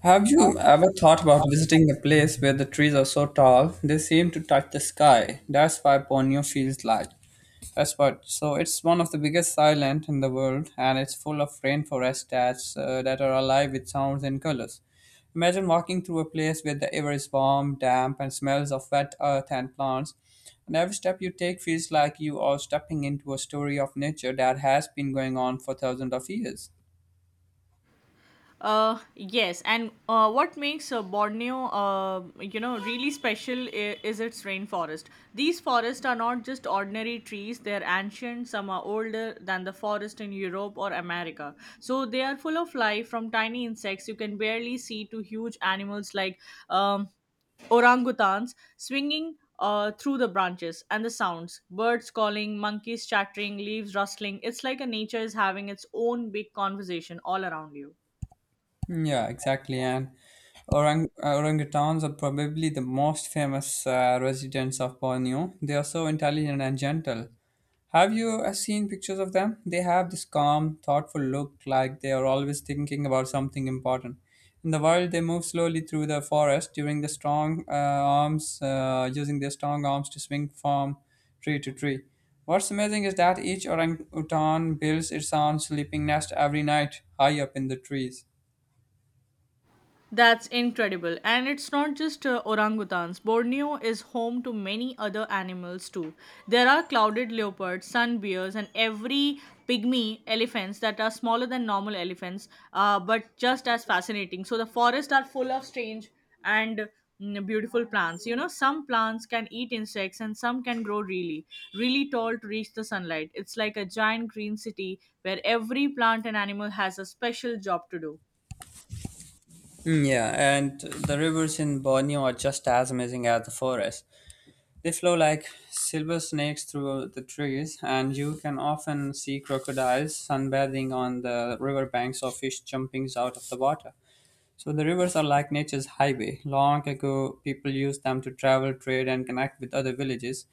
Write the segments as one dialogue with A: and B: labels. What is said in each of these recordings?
A: Have you ever thought about visiting a place where the trees are so tall they seem to touch the sky? That's why Borneo feels like. That's what. So it's one of the biggest island in the world, and it's full of rainforests that are alive with sounds and colors. Imagine walking through a place where the air is warm, damp, and smells of wet earth and plants. And every step you take feels like you are stepping into a story of nature that has been going on for thousands of years.
B: Yes, and what makes Borneo, really special is its rainforest. These forests are not just ordinary trees; they are ancient. Some are older than the forest in Europe or America. So they are full of life, from tiny insects you can barely see to huge animals like um, orangutans swinging through the branches, and the sounds, birds calling, monkeys chattering, leaves rustling. It's like a nature is having its own big conversation all around you.
A: Yeah, exactly. And orangutans are probably the most famous residents of Borneo. They are so intelligent and gentle. Have you seen pictures of them? They have this calm, thoughtful look, like they are always thinking about something important. In the wild, they move slowly through the forest, during the strong arms, using their strong arms to swing from tree to tree. What's amazing is that each orangutan builds its own sleeping nest every night, high up in the trees.
B: That's incredible. And it's not just orangutans. Borneo is home to many other animals too. There are clouded leopards, sun bears, and every pygmy elephants that are smaller than normal elephants, but just as fascinating. So the forests are full of strange and beautiful plants. You know, some plants can eat insects and some can grow really, really tall to reach the sunlight. It's like a giant green city where every plant and animal has a special job to do.
A: Yeah, and the rivers in Borneo are just as amazing as the forest. They flow like silver snakes through the trees, and you can often see crocodiles sunbathing on the riverbanks or fish jumping out of the water. So the rivers are like nature's highway. Long ago, people used them to travel, trade, and connect with other villages.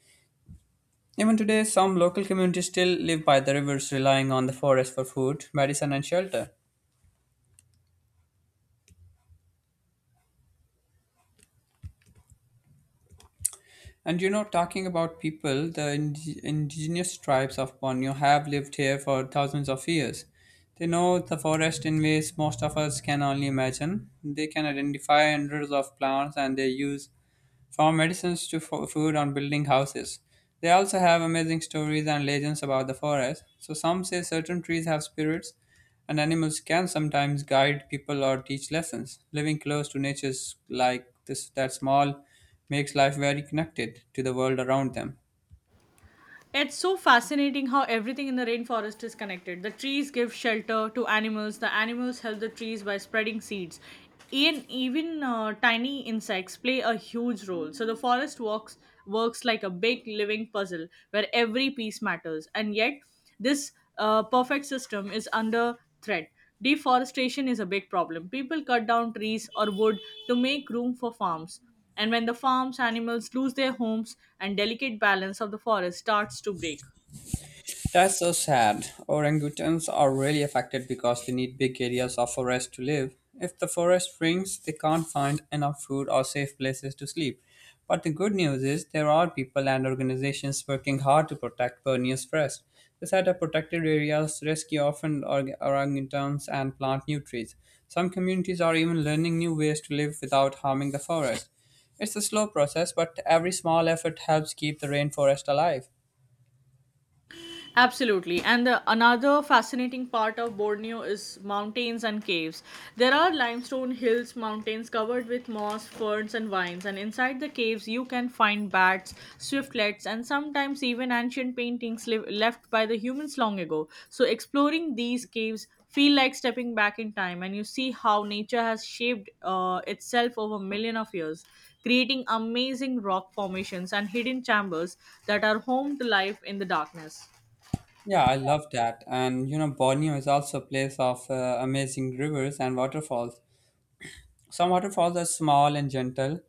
A: Even today, some local communities still live by the rivers, relying on the forest for food, medicine, and shelter. And you know, talking about people, the indigenous tribes of Borneo have lived here for thousands of years. They know the forest in ways most of us can only imagine. They can identify hundreds of plants and they use from medicines to food on building houses. They also have amazing stories and legends about the forest. So, some say certain trees have spirits, and animals can sometimes guide people or teach lessons. Living close to nature, like this, that small, makes life very connected to the world around them.
B: It's so fascinating how everything in the rainforest is connected. The trees give shelter to animals, the animals help the trees by spreading seeds. And even tiny insects play a huge role. So the forest works like a big living puzzle where every piece matters. And yet, this perfect system is under threat. Deforestation is a big problem. People cut down trees or wood to make room for farms, and when the farms animals lose their homes and delicate balance of the forest starts to break.
A: That's so sad. Orangutans are really affected because they need big areas of forest to live. If the forest shrinks, they can't find enough food or safe places to sleep. But the good news is there are people and organizations working hard to protect Borneo's forest. They set up protected areas, rescue orphaned orangutans, and plant new trees. Some communities are even learning new ways to live without harming the forest. It's a slow process, but every small effort helps keep the rainforest alive.
B: Absolutely. And another fascinating part of Borneo is mountains and caves. There are limestone hills, mountains covered with moss, ferns, and vines. And inside the caves, you can find bats, swiftlets, and sometimes even ancient paintings left by the humans long ago. So exploring these caves feel like stepping back in time, and you see how nature has shaped itself over a million of years, creating amazing rock formations and hidden chambers that are home to life in the darkness.
A: Yeah, I love that. And you know, Borneo is also a place of amazing rivers and waterfalls. Some waterfalls are small and gentle,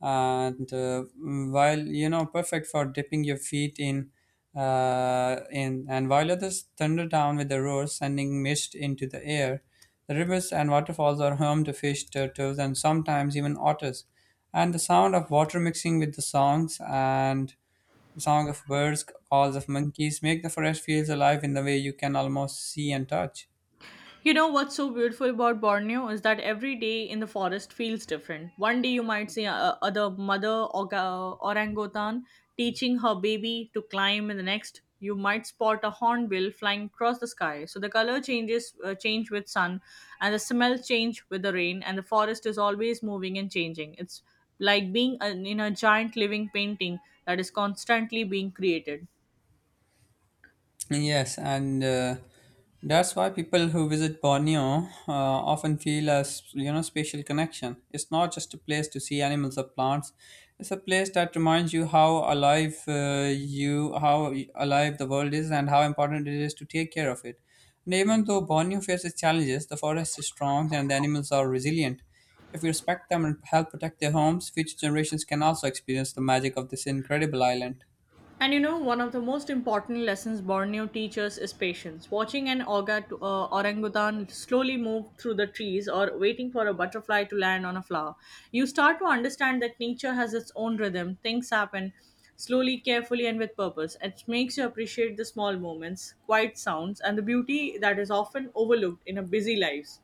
A: and while you know, perfect for dipping your feet in. In and while others thunder down with a roar, sending mist into the air, the rivers and waterfalls are home to fish, turtles, and sometimes even otters. And the sound of water mixing with the songs and the song of birds, calls of monkeys make the forest feels alive in the way you can almost see and touch.
B: You know what's so beautiful about Borneo is that every day in the forest feels different. One day you might see a the mother orangutan teaching her baby to climb, and the next you might spot a hornbill flying across the sky. So the color changes change with sun, and the smell change with the rain, and the forest is always moving and changing. It's like being an in a giant living painting that is constantly being created.
A: Yes, and that's why people who visit Borneo often feel a you know spatial connection. It's not just a place to see animals or plants. It's a place that reminds you how alive the world is and how important it is to take care of it. And even though Borneo faces challenges, the forest is strong and the animals are resilient. If we respect them and help protect their homes, future generations can also experience the magic of this incredible island.
B: And you know, one of the most important lessons Borneo teaches is patience. Watching an orangutan slowly move through the trees, or waiting for a butterfly to land on a flower, you start to understand that nature has its own rhythm. Things happen slowly, carefully, and with purpose. It makes you appreciate the small moments, quiet sounds, and the beauty that is often overlooked in our busy lives.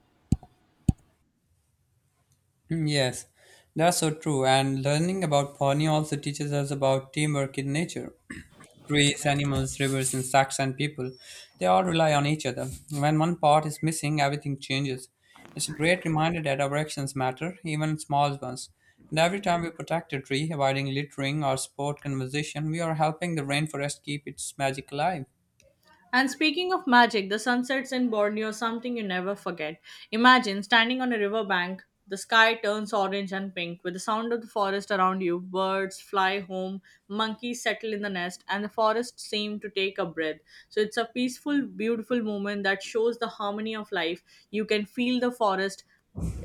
A: Yes, that's so true. And learning about Pawnee also teaches us about teamwork in nature. Trees, animals, rivers, insects, and people, they all rely on each other. When one part is missing, everything changes. It's a great reminder that our actions matter, even small ones. And every time we protect a tree, avoiding littering or sport conversation, we are helping the rainforest keep its magic alive.
B: And speaking of magic, the sunsets in Borneo are something you never forget. Imagine standing on a riverbank, the sky turns orange and pink with the sound of the forest around you. Birds fly home, monkeys settle in the nest, and the forest seems to take a breath. So it's a peaceful, beautiful moment that shows the harmony of life. You can feel the forest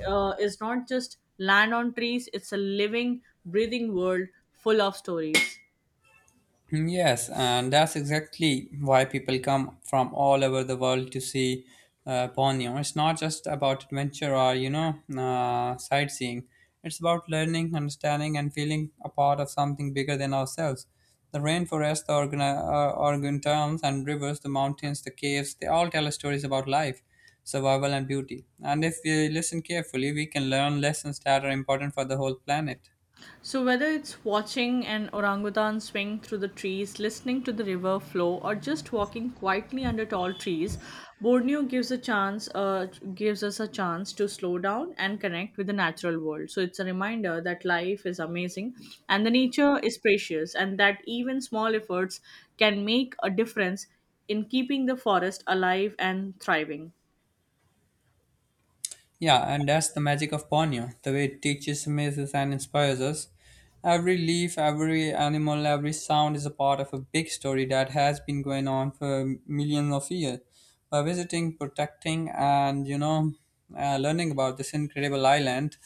B: is not just land on trees, it's a living, breathing world full of stories.
A: Yes, and that's exactly why people come from all over the world to see Borneo. It's not just about adventure or, you know, sightseeing. It's about learning, understanding, and feeling a part of something bigger than ourselves. The rainforest, the organ terms, and rivers, the mountains, the caves, they all tell us stories about life, survival, and beauty. And if we listen carefully, we can learn lessons that are important for the whole planet.
B: So, whether it's watching an orangutan swing through the trees, listening to the river flow, or just walking quietly under tall trees, Borneo gives us a chance to slow down and connect with the natural world. So, it's a reminder that life is amazing, and the nature is precious, and that even small efforts can make a difference in keeping the forest alive and thriving.
A: Yeah, and that's the magic of Borneo, the way it teaches, amazes, and inspires us. Every leaf, every animal, every sound is a part of a big story that has been going on for millions of years. By visiting, protecting, and learning about this incredible island,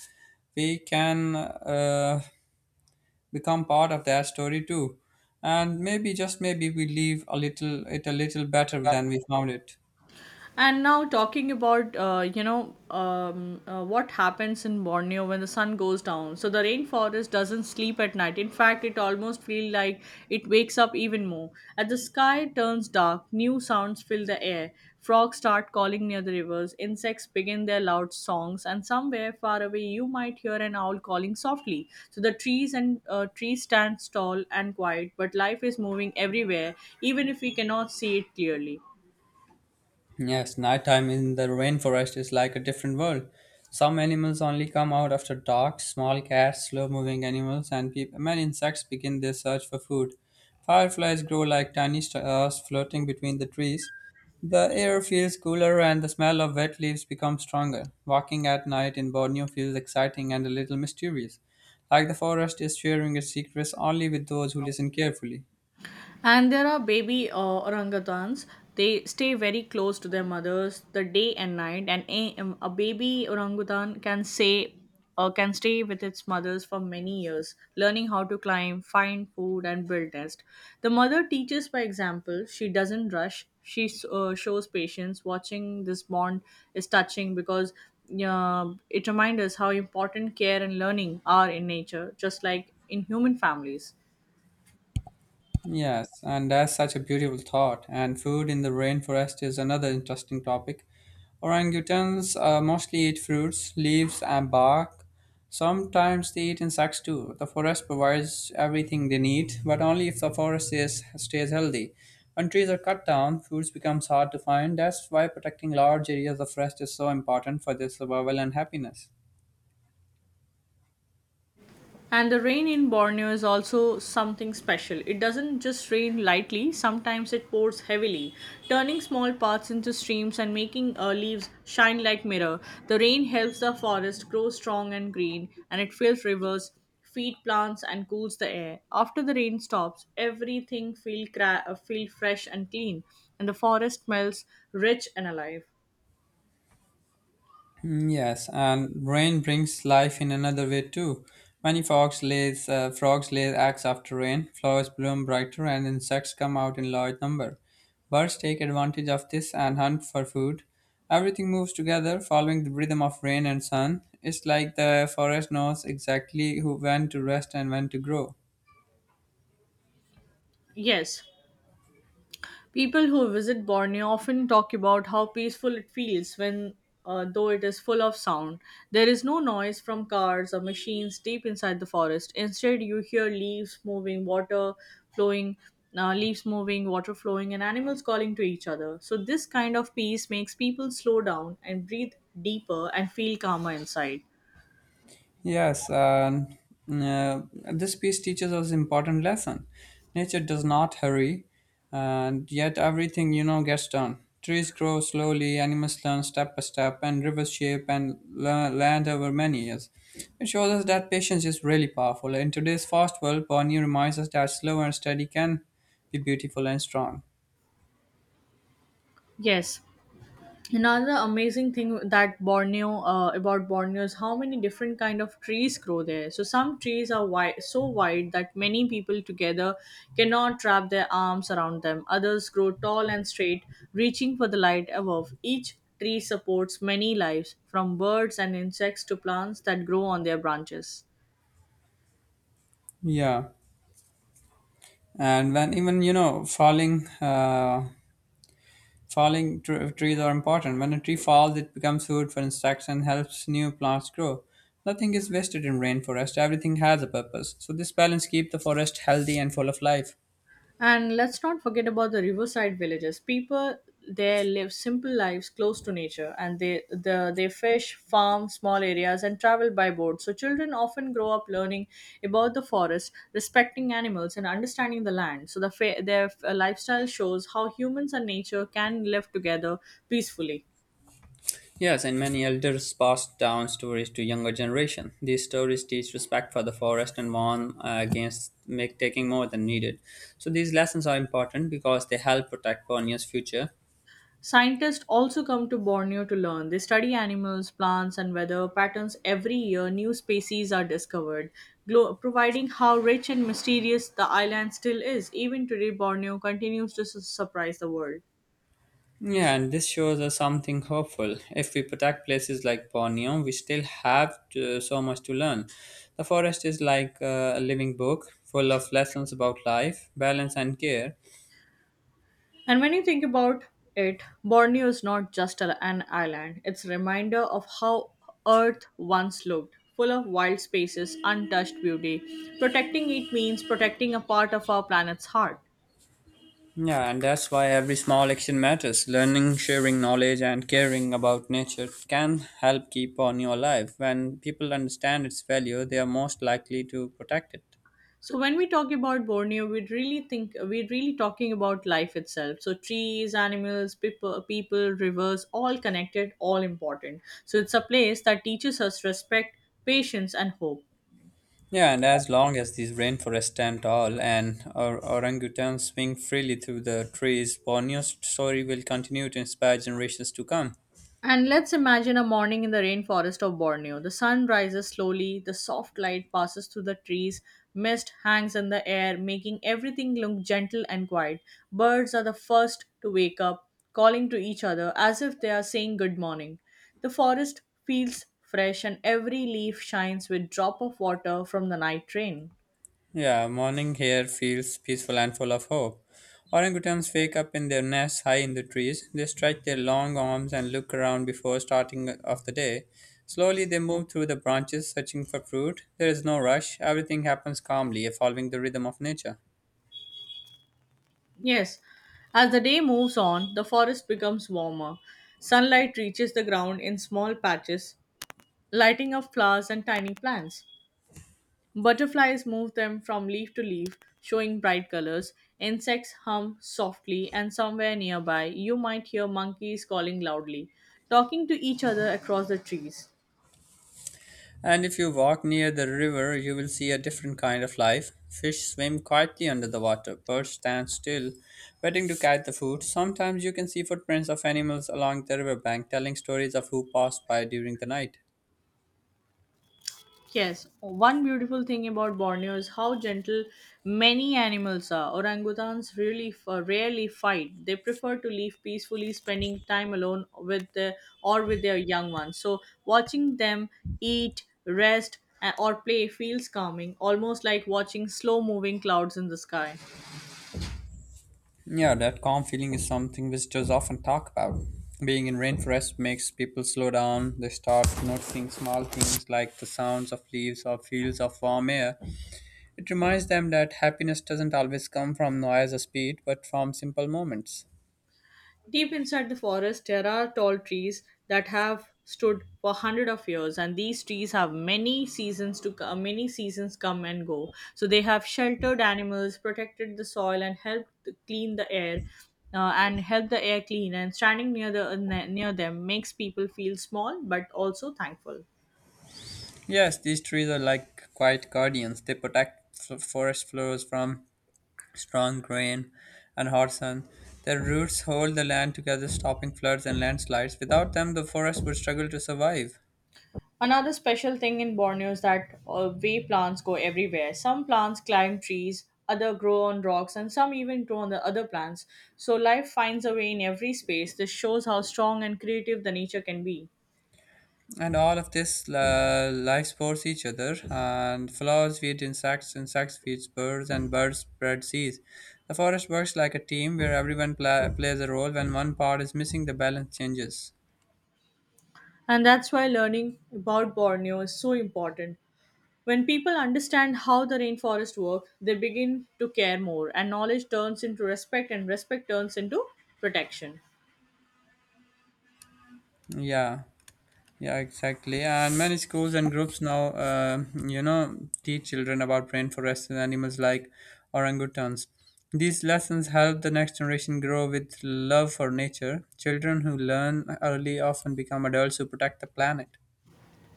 A: we can become part of that story too. And maybe, just maybe, we leave a little better than we found it.
B: And now talking about what happens in Borneo when the sun goes down. So the rainforest doesn't sleep at night. In fact, it almost feels like it wakes up even more. As the sky turns dark, new sounds fill the air. Frogs start calling near the rivers. Insects begin their loud songs, and somewhere far away you might hear an owl calling softly. So the trees stand tall and quiet, but life is moving everywhere, even if we cannot see it clearly.
A: Yes, nighttime in the rainforest is like a different world. Some animals only come out after dark, small cats, slow moving animals, and peop many insects begin their search for food. Fireflies grow like tiny stars floating between the trees. The air feels cooler and the smell of wet leaves becomes stronger. Walking at night in Borneo feels exciting and a little mysterious, like the forest is sharing its secrets only with those who listen carefully.
B: And there are baby orangutans. They stay very close to their mothers the day and night. And a baby orangutan can stay with its mothers for many years, learning how to climb, find food, and build nest. The mother teaches by example. She doesn't rush. She shows patience. Watching this bond is touching because it reminds us how important care and learning are in nature, just like in human families.
A: Yes, and that's such a beautiful thought. And food in the rainforest is another interesting topic. Orangutans mostly eat fruits, leaves, and bark. Sometimes they eat insects too. The forest provides everything they need, but only if the forest is, stays healthy. When trees are cut down, food becomes hard to find. That's why protecting large areas of forest is so important for their survival and happiness.
B: And the rain in Borneo is also something special. It doesn't just rain lightly, sometimes it pours heavily, turning small paths into streams and making leaves shine like mirror. The rain helps the forest grow strong and green, and it fills rivers, feed plants, and cools the air. After the rain stops, everything feel fresh and clean, and the forest smells rich and alive.
A: Yes, and rain brings life in another way too. Many frogs lay eggs after rain. Flowers bloom brighter, and insects come out in large number. Birds take advantage of this and hunt for food. Everything moves together, following the rhythm of rain and sun. It's like the forest knows exactly who when to rest and when to grow.
B: Yes, people who visit Borneo often talk about how peaceful it feels when, though it is full of sound. There is no noise from cars or machines deep inside the forest. Instead, you hear flowing, leaves moving, water flowing, and animals calling to each other. So, this kind of peace makes people slow down and breathe deeper and feel calmer inside.
A: Yes, and uh, this piece teaches us important lesson. Nature does not hurry, and yet everything you know gets done. Trees grow slowly, animals learn step by step, and rivers shape and land over many years. It shows us that patience is really powerful. In today's fast world, Bonnie reminds us that slow and steady can be beautiful and strong.
B: Yes, another amazing thing that Borneo about Borneo is how many different kind of trees grow there. So some trees are wide, so wide that many people together cannot wrap their arms around them. Others grow tall and straight, reaching for the light above. Each tree supports many lives, from birds and insects to plants that grow on their branches.
A: Yeah, and when even you know falling. Falling trees are important. When a tree falls, it becomes food for insects and helps new plants grow. Nothing is wasted in rainforest. Everything has a purpose. So this balance keeps the forest healthy and full of life.
B: And let's not forget about the riverside villages. People there live simple lives close to nature, and they fish, farm small areas, and travel by boat. So children often grow up learning about the forest, respecting animals and understanding the land. So the their lifestyle shows how humans and nature can live together peacefully.
A: Yes, and many elders passed down stories to younger generation. These stories teach respect for the forest and warn against make taking more than needed. So these lessons are important because they help protect Borneo's future.
B: Scientists also come to Borneo to learn. They study animals, plants, and weather patterns every year. New species are discovered, providing how rich and mysterious the island still is. Even today, Borneo continues to surprise the world.
A: Yeah, and this shows us something hopeful. If we protect places like Borneo, we still have to, so much to learn. The forest is like a living book full of lessons about life, balance, and care.
B: And when you think about it, Borneo is not just an island, it's a reminder of how Earth once looked full of wild spaces, untouched beauty. Protecting it means protecting a part of our planet's heart.
A: Yeah, and that's why every small action matters. Learning, sharing knowledge, and caring about nature can help keep Borneo alive. When people understand its value, they are most likely to protect it.
B: So when we talk about Borneo, we're really talking about life itself. So trees, animals, people, rivers, all connected, all important. So it's a place that teaches us respect, patience, and hope.
A: Yeah, and as long as these rainforests and all and orangutans swing freely through the trees, Borneo's story will continue to inspire generations to come.
B: And let's imagine a morning in the rainforest of Borneo. The sun rises slowly, the soft light passes through the trees, mist hangs in the air, making everything look gentle and quiet. Birds are the first to wake up, calling to each other as if they are saying good morning. The forest feels fresh and every leaf shines with drop of water from the night rain.
A: Yeah, morning here feels peaceful and full of hope. Orangutans wake up in their nests high in the trees. They stretch their long arms and look around before starting of the day. Slowly they move through the branches searching for fruit. There is no rush. Everything happens calmly, following the rhythm of nature.
B: Yes, as the day moves on, the forest becomes warmer. Sunlight reaches the ground in small patches, lighting up flowers and tiny plants. Butterflies move them from leaf to leaf, showing bright colors. Insects hum softly, and somewhere nearby, you might hear monkeys calling loudly, talking to each other across the trees.
A: And if you walk near the river, you will see a different kind of life. Fish swim quietly under the water, birds stand still, waiting to catch the food. Sometimes you can see footprints of animals along the riverbank telling stories of who passed by during the night.
B: Yes, one beautiful thing about Borneo is how gentle many animals are. Orangutans really rarely fight. They prefer to live peacefully, spending time alone or with their young ones. So watching them eat, rest, or play feels calming, almost like watching slow-moving clouds in the sky.
A: Yeah, that calm feeling is something visitors often talk about. Being in rainforest makes people slow down. They start noticing small things like the sounds of leaves or fields of warm air. It reminds them that happiness doesn't always come from noise or speed, but from simple moments.
B: Deep inside the forest, there are tall trees that have stood for hundred of years, and these trees have many seasons come and go. So they have sheltered animals, protected the soil, and helped to clean the air, and help the air clean. And standing near them makes people feel small but also thankful.
A: Yes, these trees are like quiet guardians. They protect forest floors from strong rain and hot sun. Their roots hold the land together, stopping floods and landslides. Without them, the forest would struggle to survive.
B: Another special thing in Borneo is that way plants go everywhere. Some plants climb trees, other grow on rocks, and some even grow on the other plants. So life finds a way in every space. This shows how strong and creative the nature can be.
A: And all of this life supports each other. And flowers feed insects, insects feed birds, and birds spread seeds. The forest works like a team where everyone plays a role. When one part is missing, the balance changes.
B: And that's why learning about Borneo is so important. When people understand how the rainforest work, they begin to care more, and knowledge turns into respect, and respect turns into protection.
A: Yeah. Yeah, exactly. And many schools and groups now, teach children about rainforests and animals like orangutans. These lessons help the next generation grow with love for nature. Children who learn early often become adults who protect the planet.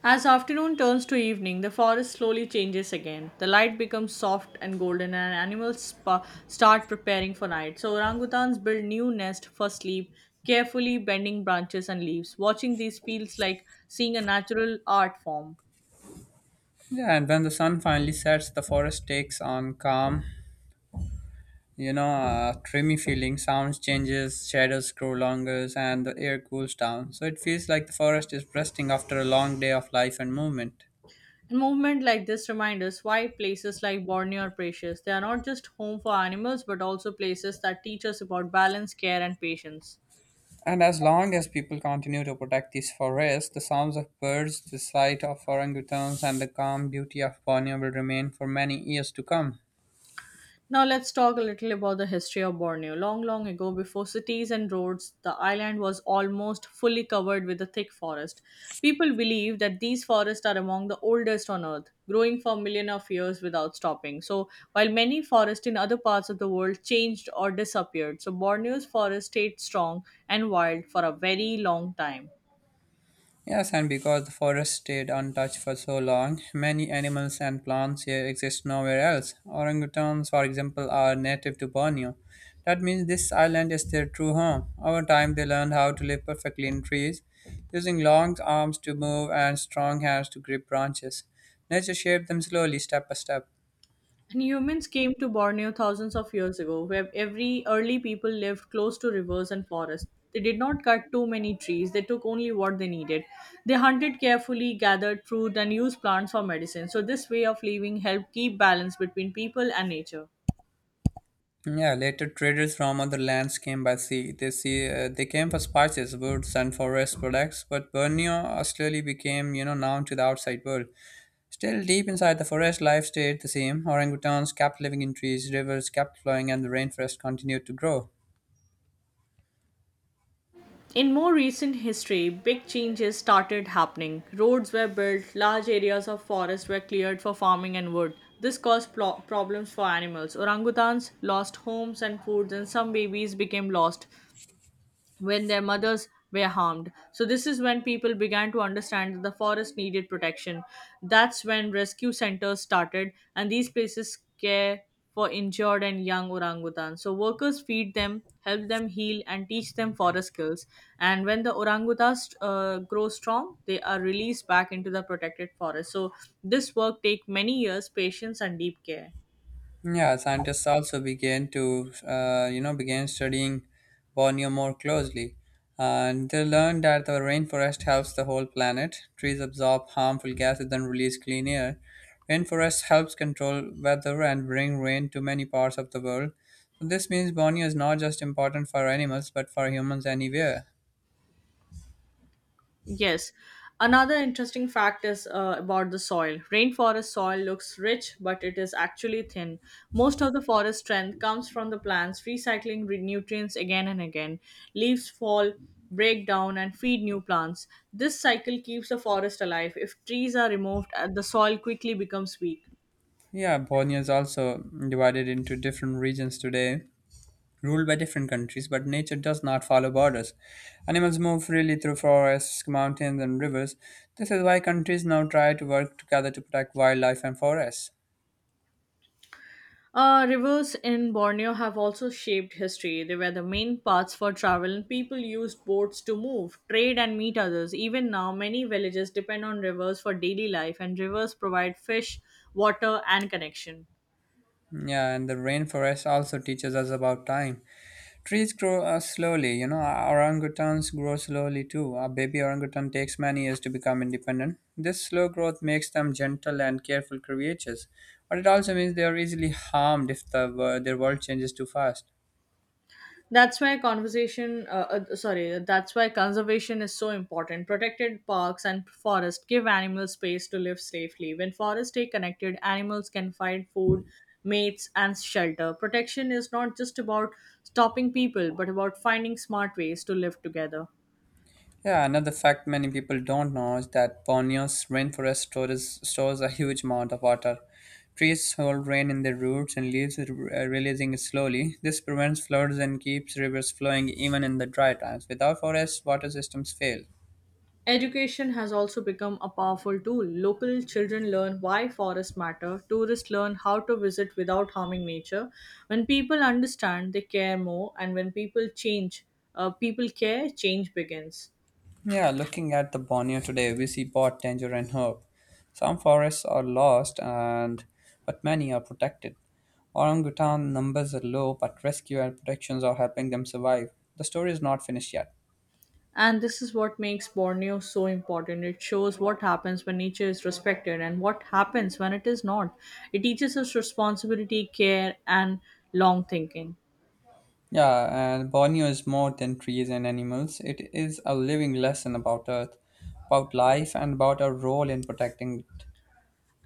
B: As afternoon turns to evening, the forest slowly changes again. The light becomes soft and golden, and animals start preparing for night. So, orangutans build new nests for sleep, carefully bending branches and leaves. Watching these feels like seeing a natural art form.
A: Yeah, and when the sun finally sets, the forest takes on calm, dreamy feeling. Sounds changes, shadows grow longer, and the air cools down. So it feels like the forest is resting after a long day of life and movement.
B: A movement like this reminds us why places like Borneo are precious. They are not just home for animals, but also places that teach us about balance, care, and patience.
A: And as long as people continue to protect these forests, the sounds of birds, the sight of orangutans, and the calm beauty of Borneo will remain for many years to come.
B: Now let's talk a little about the history of Borneo. Long, long ago, before cities and roads, the island was almost fully covered with a thick forest. People believe that these forests are among the oldest on earth, growing for millions of years without stopping. So, while many forests in other parts of the world changed or disappeared, so Borneo's forest stayed strong and wild for a very long time.
A: Yes, and because the forest stayed untouched for so long, many animals and plants here exist nowhere else. Orangutans, for example, are native to Borneo. That means this island is their true home. Over time, they learned how to live perfectly in trees, using long arms to move and strong hands to grip branches. Nature shaped them slowly, step by step.
B: And humans came to Borneo thousands of years ago, where every early people lived close to rivers and forests. They did not cut too many trees, they took only what they needed. They hunted carefully, gathered fruit, and used plants for medicine. So, this way of living helped keep balance between people and nature.
A: Yeah, later traders from other lands came by sea. They came for spices, woods, and forest products. But Borneo slowly became, you know, known to the outside world. Still, deep inside the forest, life stayed the same. Orangutans kept living in trees, rivers kept flowing, and the rainforest continued to grow.
B: In more recent history, big changes started happening. Roads were built, large areas of forest were cleared for farming and wood. This caused problems for animals. Orangutans lost homes and foods, and some babies became lost when their mothers were harmed. So, this is when people began to understand that the forest needed protection. That's when rescue centers started, and these places care for injured and young orangutans. So, workers feed them, help them heal, and teach them forest skills. And when the orangutans grow strong, they are released back into the protected forest. So, this work takes many years, patience, and deep care.
A: Yeah, scientists also began to began studying Borneo more closely, and they learned that the rainforest helps the whole planet. Trees absorb harmful gases and release clean air. Rainforest helps control weather and bring rain to many parts of the world. So this means Borneo is not just important for animals, but for humans anywhere.
B: Yes. Another interesting fact is about the soil. Rainforest soil looks rich, but it is actually thin. Most of the forest strength comes from the plants recycling nutrients again and again. Leaves fall, break down, and feed new plants. This cycle keeps the forest alive. If trees are removed, the soil quickly becomes weak.
A: Yeah, Borneo is also divided into different regions today, ruled by different countries, but nature does not follow borders. Animals move freely through forests, mountains, and rivers. This is why countries now try to work together to protect wildlife and forests.
B: Rivers in Borneo have also shaped history. They were the main paths for travel, and people used boats to move, trade, and meet others. Even now, many villages depend on rivers for daily life, and rivers provide fish, water, and connection.
A: Yeah, and the rainforest also teaches us about time. Trees grow slowly, you know, orangutans grow slowly too. A baby orangutan takes many years to become independent. This slow growth makes them gentle and careful creatures, but it also means they are easily harmed if their world changes too fast.
B: That's why conservation sorry that's why conservation is so important. Protected parks and forests give animals space to live safely. When forests stay connected, animals can find food, mates, and shelter. Protection is not just about stopping people, but about finding smart ways to live together.
A: Yeah, another fact many people don't know is that Borneo's rainforest stores a huge amount of water. Trees hold rain in their roots and leaves, releasing it slowly. This prevents floods and keeps rivers flowing even in the dry times. Without forests, water systems fail.
B: Education has also become a powerful tool. Local children learn why forests matter, tourists learn how to visit without harming nature. When people understand, they care more, and when people change, change begins.
A: Yeah, looking at the Borneo today, we see both danger and hope. Some forests are lost, and but many are protected. Orangutan numbers are low, but rescue and protections are helping them survive. The story is not finished yet.
B: And this is what makes Borneo so important. It shows what happens when nature is respected and what happens when it is not. It teaches us responsibility, care, and long thinking.
A: Yeah, and Borneo is more than trees and animals. It is a living lesson about Earth, about life, and about our role in protecting it.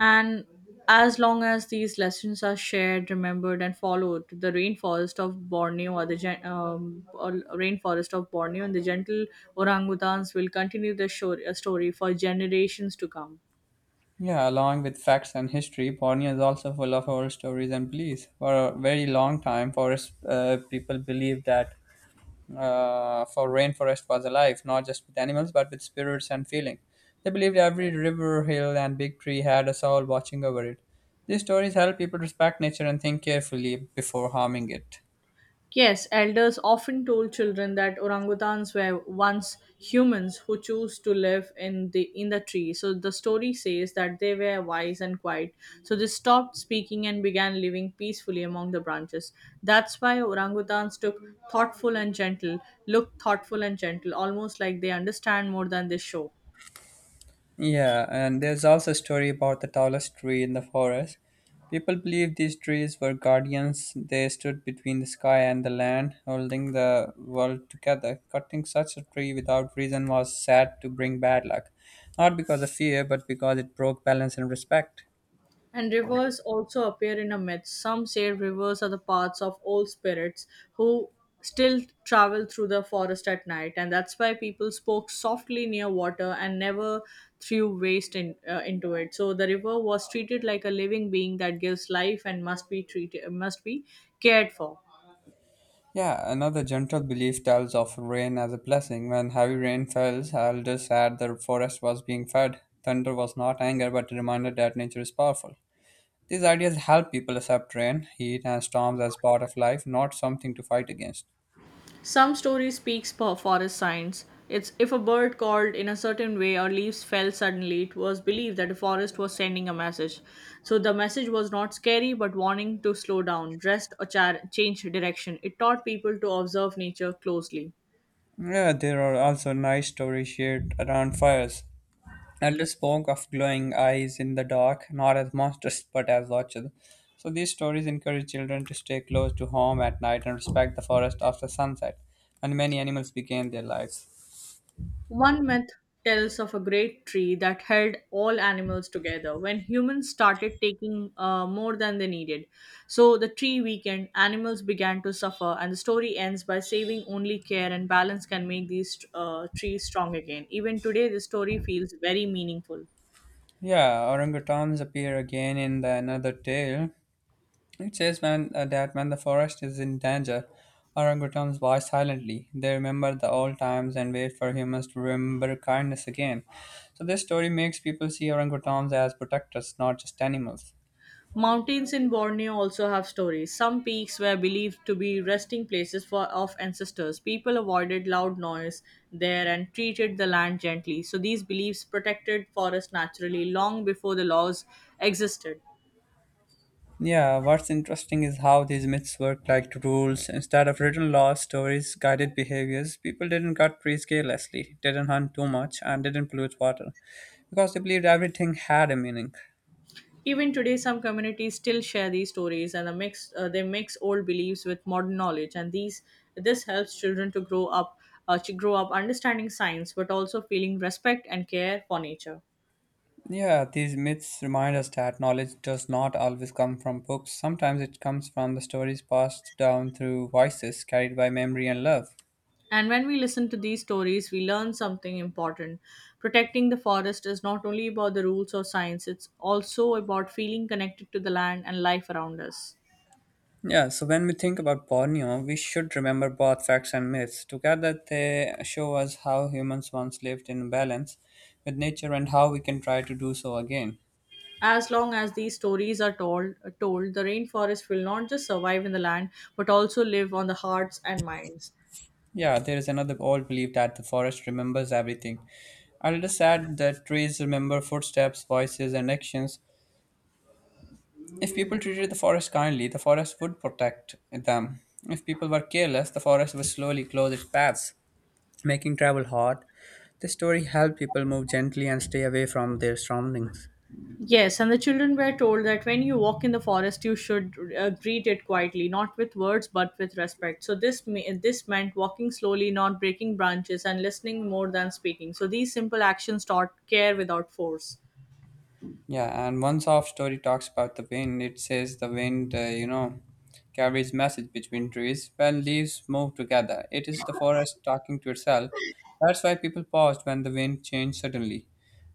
B: And as long as these lessons are shared, remembered, and followed, the rainforest of Borneo and the gentle orangutans will continue the story for generations to come.
A: Yeah, along with facts and history, Borneo is also full of oral stories and beliefs. For a very long time, forest people believed that for rainforest was alive, not just with animals, but with spirits and feeling. They believed every river, hill, and big tree had a soul watching over it. These stories help people respect nature and think carefully before harming it.
B: Yes, elders often told children that orangutans were once humans who chose to live in the tree. So the story says that they were wise and quiet. So they stopped speaking and began living peacefully among the branches. That's why orangutans took thoughtful and gentle, look thoughtful and gentle, almost like they understand more than they show.
A: Yeah, and there's also a story about the tallest tree in the forest. People believe these trees were guardians. They stood between the sky and the land, holding the world together. Cutting such a tree without reason was said to bring bad luck, not because of fear, but because it broke balance and respect.
B: And rivers also appear in a myth. Some say rivers are the paths of old spirits who still travel through the forest at night, and that's why people spoke softly near water and never threw waste into it. So the river was treated like a living being that gives life and must be cared for.
A: Yeah, another general belief tells of rain as a blessing. When heavy rain fell, elders said the forest was being fed. Thunder was not anger, but a reminder that nature is powerful. These ideas help people accept rain, heat, and storms as part of life, not something to fight against.
B: Some story speaks for forest signs. It's if a bird called in a certain way or leaves fell suddenly, it was believed that the forest was sending a message. So the message was not scary but warning to slow down, rest, or change direction. It taught people to observe nature closely.
A: Yeah, there are also nice stories shared around fires. Elders spoke of glowing eyes in the dark, not as monsters but as watchers. So these stories encourage children to stay close to home at night and respect the forest after sunset. And many animals began their lives.
B: One myth tells of a great tree that held all animals together when humans started taking more than they needed. So the tree weakened, animals began to suffer, and the story ends by saving only care and balance can make these trees strong again. Even today, the story feels very meaningful.
A: Yeah, orangutans appear again in the another tale. It says that when the forest is in danger, orangutans watch silently. They remember the old times and wait for humans to remember kindness again. So this story makes people see orangutans as protectors, not just animals.
B: Mountains in Borneo also have stories. Some peaks were believed to be resting places for of ancestors. People avoided loud noise there and treated the land gently. So these beliefs protected forests naturally long before the laws existed.
A: Yeah, what's interesting is how these myths work like rules. Instead of written laws, stories, guided behaviors, people didn't cut trees carelessly, didn't hunt too much, and didn't pollute water because they believed everything had a meaning.
B: Even today, some communities still share these stories, and they mix old beliefs with modern knowledge, and these this helps children to grow up understanding science, but also feeling respect and care for nature.
A: Yeah, these myths remind us that knowledge does not always come from books. Sometimes it comes from the stories passed down through voices carried by memory and love.
B: And when we listen to these stories, we learn something important. Protecting the forest is not only about the rules of science, it's also about feeling connected to the land and life around us.
A: Yeah, so when we think about Borneo, we should remember both facts and myths. Together, they show us how humans once lived in balance with nature and how we can try to do so again.
B: As long as these stories are told, the rainforest will not just survive in the land, but also live on the hearts and minds.
A: Yeah, there is another old belief that the forest remembers everything. I'll just add that trees remember footsteps, voices, and actions. If people treated the forest kindly, the forest would protect them. If people were careless, the forest would slowly close its paths, making travel hard. This story helped people move gently and stay away from their surroundings.
B: Yes, and the children were told that when you walk in the forest, you should greet it quietly, not with words but with respect. So this meant walking slowly, not breaking branches, and listening more than speaking. So these simple actions taught care without force.
A: Yeah, and one soft story talks about the wind. It says the wind, carries message between trees. When leaves move together, it is the forest talking to itself. That's why people paused when the wind changed suddenly,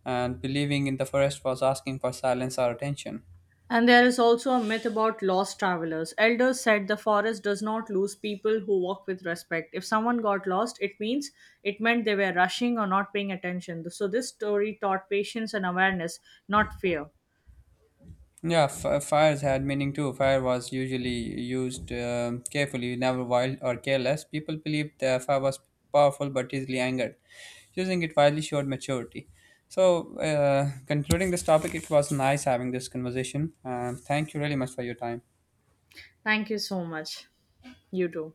A: and believing in the forest was asking for silence or attention.
B: And there is also a myth about lost travelers. Elders said the forest does not lose people who walk with respect. If someone got lost, it meant they were rushing or not paying attention. So this story taught patience and awareness, not fear.
A: Yeah, fires had meaning too. Fire was usually used carefully, never wild or careless. People believed the fire was powerful but easily angered. Using it wisely showed maturity. So, concluding this topic, it was nice having this conversation. Thank you really much for your time.
B: Thank you so much. You too.